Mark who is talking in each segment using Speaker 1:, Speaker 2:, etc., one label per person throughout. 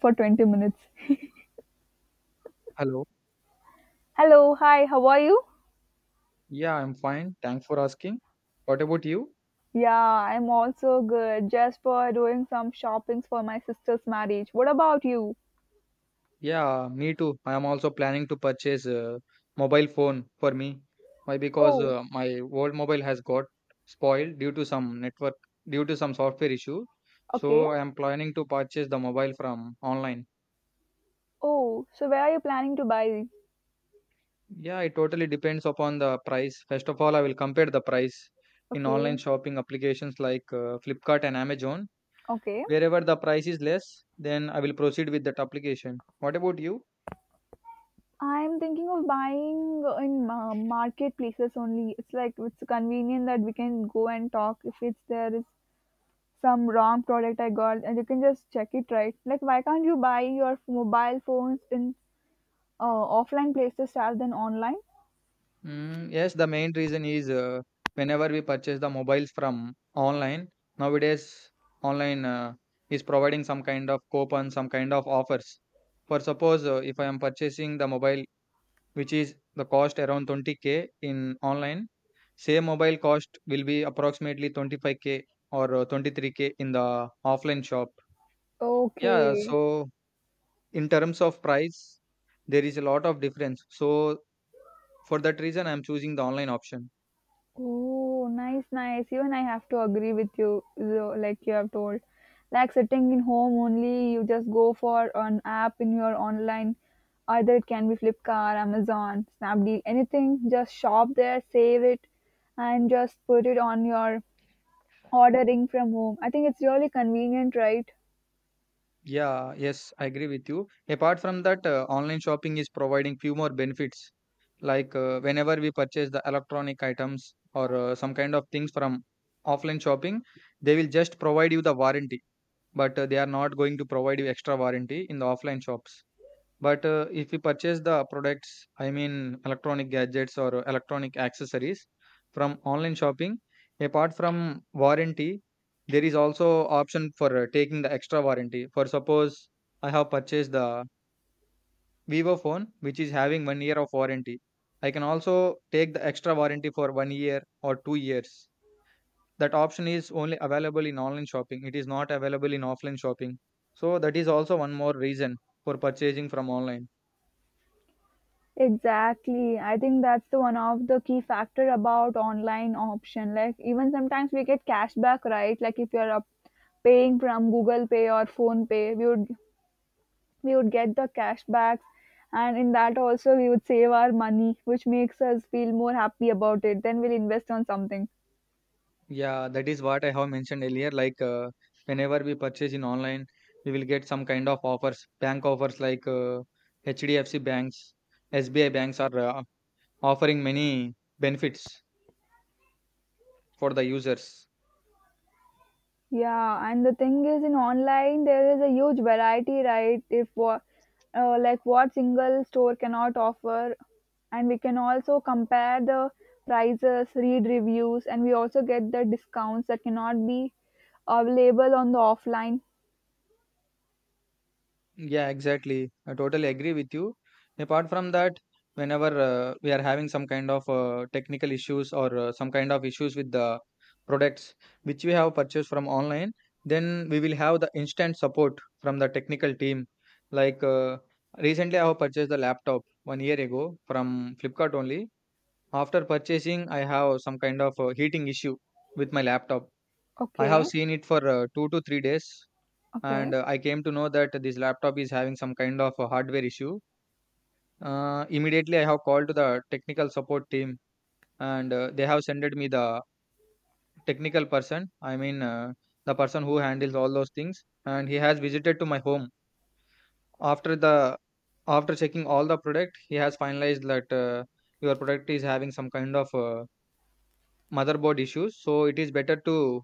Speaker 1: For 20 minutes.
Speaker 2: Hello.
Speaker 1: Hello, hi, how are you?
Speaker 2: Yeah, I'm fine. Thanks for asking. What about you?
Speaker 1: Yeah, I'm also good. Just for doing some shoppings for my sister's marriage. What about you?
Speaker 2: Yeah, me too. I am also planning to purchase a mobile phone for me. Why? Because
Speaker 1: Oh,
Speaker 2: my old mobile has got spoiled due to some network, due to some software issue.
Speaker 1: okay.
Speaker 2: So I am planning to purchase the mobile from online.
Speaker 1: Oh, so where are you planning to buy?
Speaker 2: Yeah, it totally depends upon the price. First of all, I will compare the price in online
Speaker 1: Okay,
Speaker 2: shopping applications like Flipkart and Amazon.
Speaker 1: okay.
Speaker 2: Wherever the price is less, then I will proceed with that application. What about you?
Speaker 1: I'm thinking of buying in marketplaces only. It's like it's convenient that we can go and talk if it's there is some wrong product I got and you can just check it, right. Like why can't you buy your mobile phones in offline places rather than online?
Speaker 2: Mm, yes, the main reason is whenever we purchase the mobiles from online, nowadays online is providing some kind of coupon, some kind of offers. For suppose if I am purchasing the mobile, which is the cost around 20K in online, same mobile cost will be approximately 25K or 23K in the offline shop. Yeah,
Speaker 1: Okay.
Speaker 2: so in terms of price, there is a lot of difference. So for that reason, I am choosing the online option.
Speaker 1: Oh, nice, nice. Even I have to agree with you, so, like you have told. Like sitting in home only, you just go for an app in your online. Either it can be Flipkart, Amazon, Snapdeal, anything. Just shop there, save it, and just put it on your ordering from home. I think it's really convenient, right?
Speaker 2: Yeah, yes, I agree with you. Apart from that, online shopping is providing few more benefits. Like whenever we purchase the electronic items or some kind of things from offline shopping, they will just provide you the warranty, but they are not going to provide you extra warranty in the offline shops. But if you purchase the products, I mean electronic gadgets or electronic accessories from online shopping, apart from warranty, there is also option for taking the extra warranty. For suppose I have purchased the Vivo phone, which is having 1 year of warranty. I can also take the extra warranty for 1 year or 2 years. That option is only available in online shopping. It is not available in offline shopping. So that is also one more reason for purchasing from online.
Speaker 1: Exactly. I think that's the one of the key factor about online option. Like even sometimes we get cashback, right? Like if you're up paying from Google Pay or Phone Pay, we would get the cashbacks, and in that also we would save our money, which makes us feel more happy about it. Then we'll invest on something.
Speaker 2: Yeah, that is what I have mentioned earlier. Like whenever we purchase in online, we will get some kind of offers, bank offers like HDFC banks, SBI banks are offering many benefits for the users.
Speaker 1: Yeah, and the thing is, in online there is a huge variety, right? If what, like what single store cannot offer, and we can also compare the prices, read reviews, and we also get the discounts that cannot be available on the offline.
Speaker 2: Yeah, exactly. I totally agree with you. Apart from that, whenever we are having some kind of technical issues or some kind of issues with the products which we have purchased from online, then we will have the instant support from the technical team. Like recently, I have purchased the laptop 1 year ago from Flipkart only. After purchasing, I have some kind of heating issue with my laptop. I have
Speaker 1: Okay,
Speaker 2: seen it for 2 to 3 days,
Speaker 1: okay,
Speaker 2: and I came to know that this laptop is having some kind of a hardware issue. Immediately, I have called to the technical support team, and they have sent me the technical person. I mean, the person who handles all those things, and he has visited to my home. After the After checking all the product, he has finalized that your product is having some kind of motherboard issues, so it is better to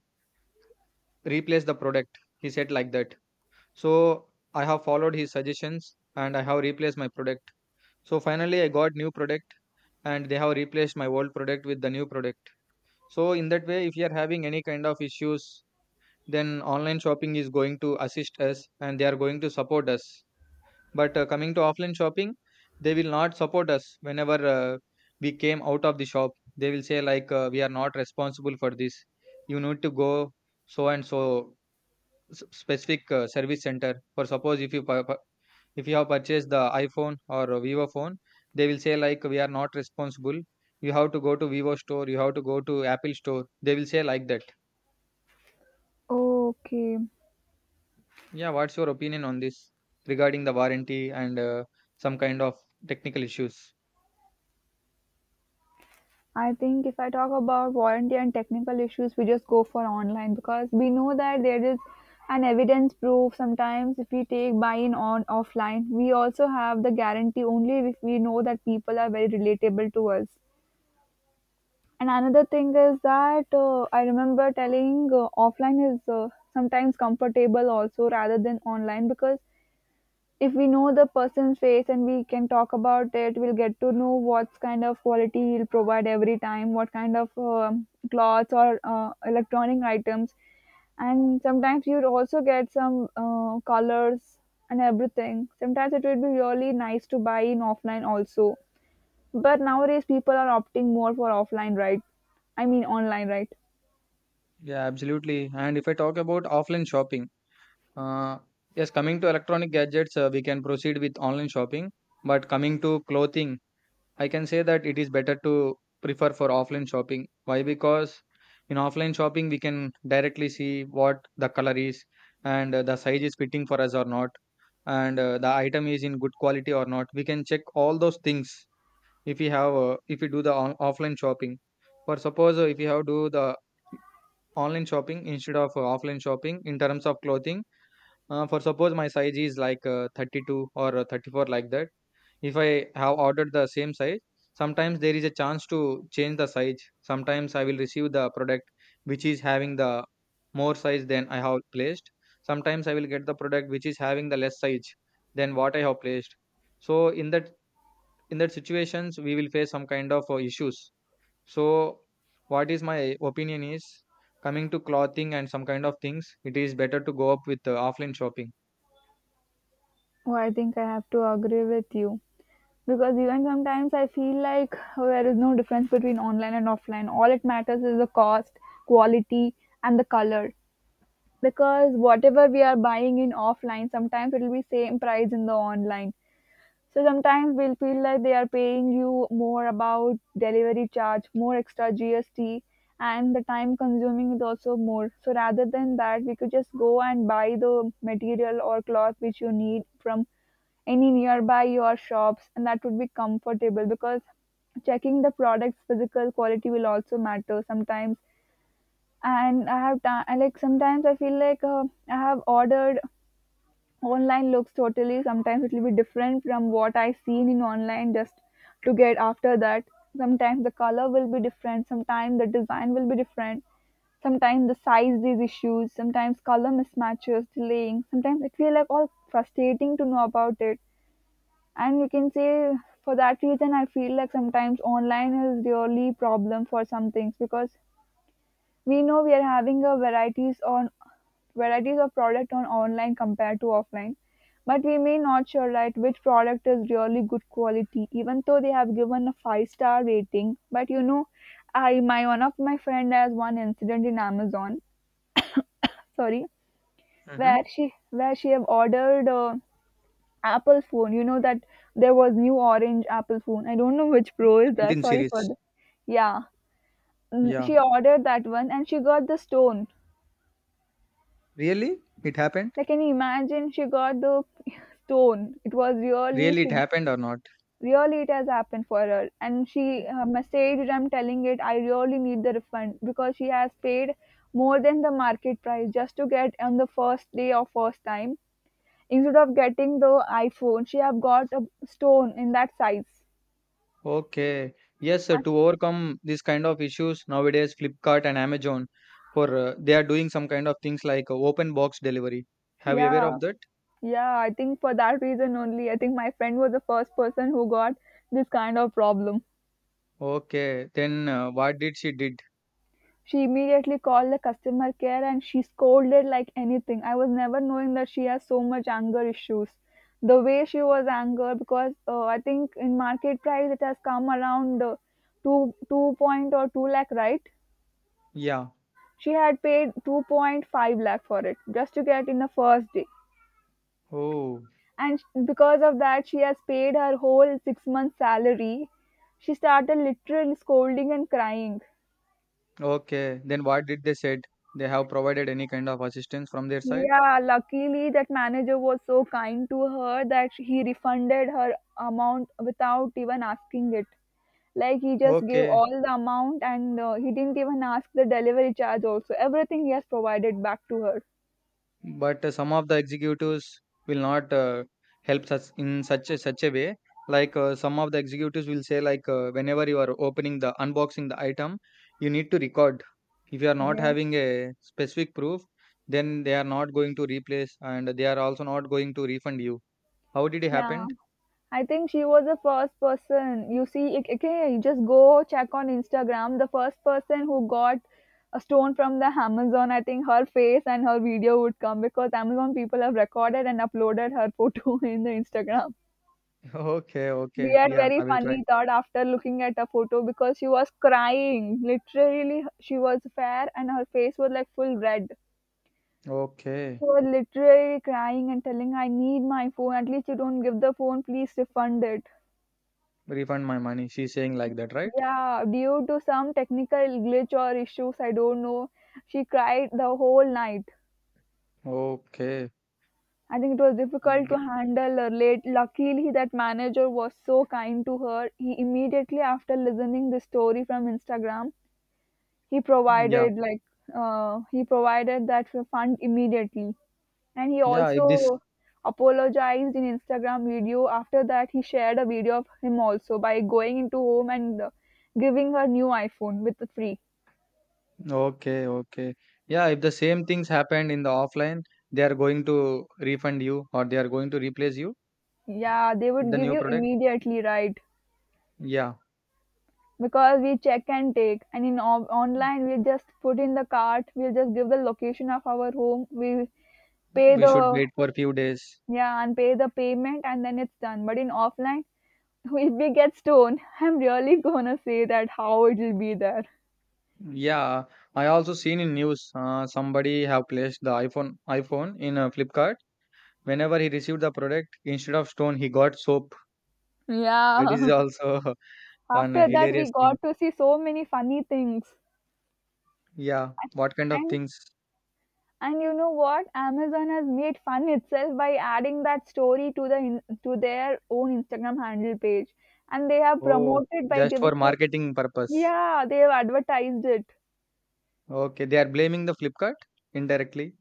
Speaker 2: replace the product. He said like that. So I have followed his suggestions and I have replaced my product. So finally, I got new product, and they have replaced my old product with the new product. So in that way, if you are having any kind of issues, then online shopping is going to assist us, and they are going to support us. But coming to offline shopping, they will not support us whenever we came out of the shop. They will say like, "We are not responsible for this. You need to go so and so specific service center." For suppose if if you have purchased the iphone or a vivo phone, they will say like we are not responsible, you have to go to vivo store, you have to go to apple store. They will say like that.
Speaker 1: okay.
Speaker 2: Yeah, what's your opinion on this regarding the warranty and some kind of technical issues?
Speaker 1: I think if I talk about warranty and technical issues, we just go for online because we know that there is an evidence proof. Sometimes, if we take buy in on offline, we also have the guarantee only if we know that people are very relatable to us. And another thing is that I remember telling offline is sometimes comfortable also rather than online because if we know the person's face and we can talk about it, we'll get to know what kind of quality he'll provide every time, what kind of clothes or electronic items, and sometimes you'd also get some colors and everything. Sometimes it would be really nice to buy in offline also, but nowadays people are opting more for offline, right? I mean online, right?
Speaker 2: Yeah, absolutely. And if I talk about offline shopping, uh, yes, coming to electronic gadgets, we can proceed with online shopping, but coming to clothing I can say that it is better to prefer for offline shopping. Why? Because in offline shopping, we can directly see what the color is and the size is fitting for us or not, and the item is in good quality or not. We can check all those things if we have if we do the offline shopping. For suppose if we have do the online shopping instead of offline shopping in terms of clothing, for suppose my size is like 32 or 34 like that. If I have ordered the same size, sometimes there is a chance to change the size. Sometimes I will receive the product which is having the more size than I have placed. Sometimes I will get the product which is having the less size than what I have placed. So in that, in that situations we will face some kind of issues. So what is my opinion is, coming to clothing and some kind of things it is better to go up with offline shopping.
Speaker 1: Oh, I think I have to agree with you. Because even sometimes I feel like, oh, there is no difference between online and offline. All it matters is the cost, quality, and the color. Because whatever we are buying in offline, sometimes it will be same price in the online. So sometimes we'll feel like they are paying you more about delivery charge, more extra GST, and the time consuming is also more. So rather than that, we could just go and buy the material or cloth which you need from any nearby your shops, and that would be comfortable because checking the product's physical quality will also matter sometimes. And I have time, like sometimes I feel like, I have ordered online looks totally, sometimes it will be different from what I seen in online, just to get after that. Sometimes the color will be different, sometimes the design will be different, sometimes the size is issues, sometimes color mismatches, delaying. Sometimes it feel like all frustrating to know about it, and you can say for that reason I feel like sometimes online is really problem for some things, because we know we are having a varieties on varieties of product on online compared to offline, but we may not sure, right, which product is really good quality, even though they have given a five-star rating, but you know, I my one of my friend has one incident in Amazon. Sorry,
Speaker 2: Hmm.
Speaker 1: where she have ordered apple phone. You know that there was new orange apple phone, I don't know which pro is that.
Speaker 2: 17
Speaker 1: Sorry for
Speaker 2: series.
Speaker 1: the yeah. Mm,
Speaker 2: Yeah,
Speaker 1: she ordered that one and she got the stone.
Speaker 2: really, it happened?
Speaker 1: Like, can you imagine she got the stone? It was really,
Speaker 2: Really, it
Speaker 1: she
Speaker 2: happened or not?
Speaker 1: really it has happened for her. And she messaged, I'm telling it, I really need the refund, because she has paid more than the market price just to get on the first day or first time. Instead of getting the iPhone, she have got a stone in that size.
Speaker 2: Okay. Yes, sir, to overcome these kind of issues nowadays, Flipkart and Amazon, for they are doing some kind of things like open box delivery. Have you aware
Speaker 1: Yeah,
Speaker 2: of that?
Speaker 1: yeah, I think for that reason only, I think my friend was the first person who got this kind of problem.
Speaker 2: Okay. Then what did she did?
Speaker 1: She immediately called the customer care and she scolded like anything. I was never knowing that she has so much anger issues. The way she was angered, because I think in market price it has come around 2 2 point or two lakh, right?
Speaker 2: Yeah.
Speaker 1: She had paid 2.5 lakh for it just to get in the first day,
Speaker 2: Oh.
Speaker 1: and because of that she has paid her whole 6 months salary. She started literally scolding and crying.
Speaker 2: Okay. Then what did they said? They have provided any kind of assistance from their side?
Speaker 1: Yeah, luckily that manager was so kind to her that he refunded her amount without even asking it. Like he just gave
Speaker 2: Okay.
Speaker 1: all the amount and he didn't even ask the delivery charge also. Everything he has provided back to her.
Speaker 2: But some of the executives will not help such a way. Like some of the executives will say, like whenever you are opening the unboxing the item, you need to record. If you are not
Speaker 1: Yeah.
Speaker 2: having a specific proof, then they are not going to replace, and they are also not going to refund you. How did it
Speaker 1: Yeah.
Speaker 2: happen?
Speaker 1: I think she was the first person. You see, okay, you just go check on Instagram. The first person who got a stone from the Amazon, I think her face and her video would come because Amazon people have recorded and uploaded her photo in the Instagram.
Speaker 2: Okay,
Speaker 1: We
Speaker 2: okay,
Speaker 1: had
Speaker 2: yeah,
Speaker 1: very
Speaker 2: I will try.
Speaker 1: funny thought after looking at her photo because she was crying. Literally, she was fair and her face was like full red. She
Speaker 2: Okay,
Speaker 1: was literally crying and telling, I need my phone. At least you don't give the phone. Please refund it.
Speaker 2: refund my money. She's saying like that, right?
Speaker 1: Yeah, due to some technical glitch or issues, I don't know. She cried the whole night.
Speaker 2: Okay,
Speaker 1: I think it was difficult to
Speaker 2: B-
Speaker 1: handle her late. Luckily, that manager was so kind to her. He immediately after listening the story from Instagram, he
Speaker 2: yeah,
Speaker 1: provided like he provided that fund immediately, and he
Speaker 2: yeah. If this
Speaker 1: also apologized in Instagram video. After that, he shared a video of him also by going into home and giving her new iPhone with the free.
Speaker 2: Okay, okay. Yeah, if the same things happened in the offline, they are going to refund you or they are going to replace you
Speaker 1: Yeah, they
Speaker 2: with
Speaker 1: would
Speaker 2: the
Speaker 1: give
Speaker 2: new
Speaker 1: you
Speaker 2: product.
Speaker 1: immediately, right?
Speaker 2: Yeah,
Speaker 1: Because we check and take, and in online we just put in the cart. We'll just give the location of our home. We pay
Speaker 2: we should
Speaker 1: the,
Speaker 2: wait for a few days.
Speaker 1: yeah, and pay the payment, and then it's done. But in offline, if we get stoned, I'm really gonna say that how it will be there.
Speaker 2: Yeah, I also seen in news somebody have placed the iPhone in a Flipkart. Whenever he received the product, instead of stone, he got soap. That is
Speaker 1: Yeah.
Speaker 2: also one
Speaker 1: After that, we
Speaker 2: hilarious thing.
Speaker 1: got to see so many funny things,
Speaker 2: Yeah, what kind of
Speaker 1: and
Speaker 2: things?
Speaker 1: and you know what? Amazon has made fun itself by adding that story to their own Instagram handle page, and they have
Speaker 2: Oh,
Speaker 1: promoted by
Speaker 2: just for
Speaker 1: giving this.
Speaker 2: marketing purpose.
Speaker 1: Yeah, they have advertised it.
Speaker 2: Okay, they are blaming the Flipkart indirectly.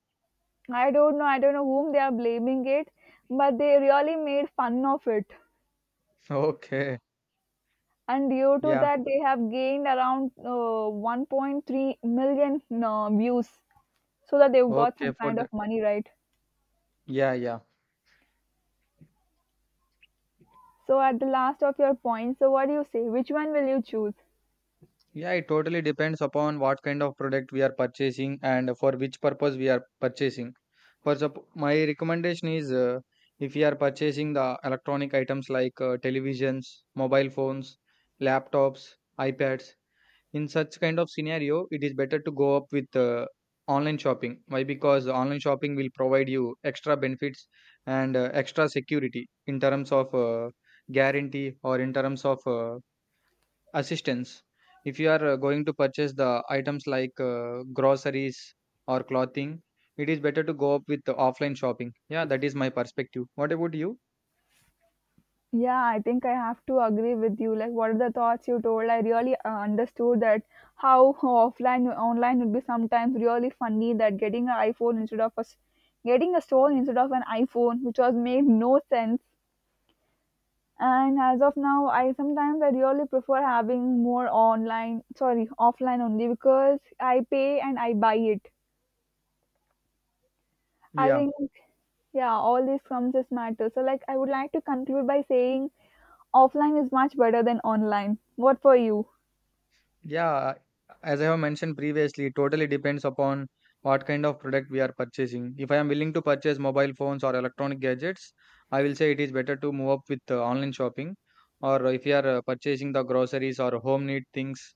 Speaker 1: I don't know. I don't know whom they are blaming it, but they really made fun of it.
Speaker 2: Okay.
Speaker 1: And due to
Speaker 2: Yeah.
Speaker 1: that, they have gained around 1.3 million views, so that they've got
Speaker 2: Okay.
Speaker 1: some
Speaker 2: For
Speaker 1: kind of
Speaker 2: the
Speaker 1: money, right?
Speaker 2: yeah, yeah.
Speaker 1: So at the last of your points, so what do you say? Which one will you choose?
Speaker 2: Yeah, it totally depends upon what kind of product we are purchasing and for which purpose we are purchasing. My recommendation is if you are purchasing the electronic items like televisions, mobile phones, laptops, iPads, in such kind of scenario it is better to go up with online shopping. Why? Because online shopping will provide you extra benefits and extra security in terms of guarantee or in terms of assistance. If you are going to purchase the items like groceries or clothing, it is better to go up with the offline shopping. Yeah, that is my perspective. What about you?
Speaker 1: Yeah, I think I have to agree with you. Like, what are the thoughts you told? I really understood that how offline online would be sometimes really funny, that getting an iPhone instead of a s- getting a stone instead of an iPhone, which was made no sense. And as of now, I sometimes I really prefer having more online, sorry, offline only because I pay and I buy it. I
Speaker 2: Yeah,
Speaker 1: think yeah all these comes as matter, so like I would like to conclude by saying offline is much better than online. What for you?
Speaker 2: yeah, as I have mentioned previously, it totally depends upon what kind of product we are purchasing. If I am willing to purchase mobile phones or electronic gadgets, I will say it is better to move up with online shopping. Or if you are purchasing the groceries or home need things,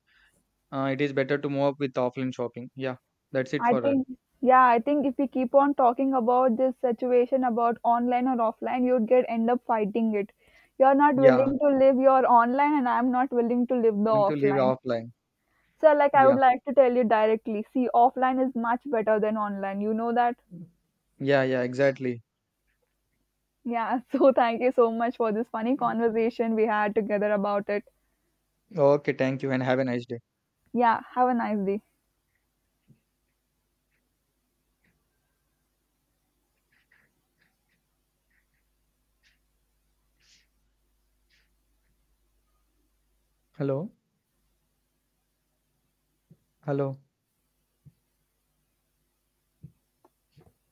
Speaker 2: it is better to move up with offline shopping. Yeah, that's it
Speaker 1: I
Speaker 2: for
Speaker 1: think, yeah, I think if we keep on talking about this situation about online or offline, you'd get end up fighting it. You're not
Speaker 2: yeah,
Speaker 1: willing to live your online, and I'm not willing to live the
Speaker 2: willing to live
Speaker 1: offline.
Speaker 2: offline.
Speaker 1: So, like, I would
Speaker 2: Yeah,
Speaker 1: like to tell you directly, see, offline is much better than online. You know that?
Speaker 2: yeah, yeah, exactly.
Speaker 1: Yeah. So, thank you so much for this funny conversation we had together about it.
Speaker 2: Okay, thank you and have a nice day.
Speaker 1: Yeah. Have a nice day.
Speaker 2: Hello, hello.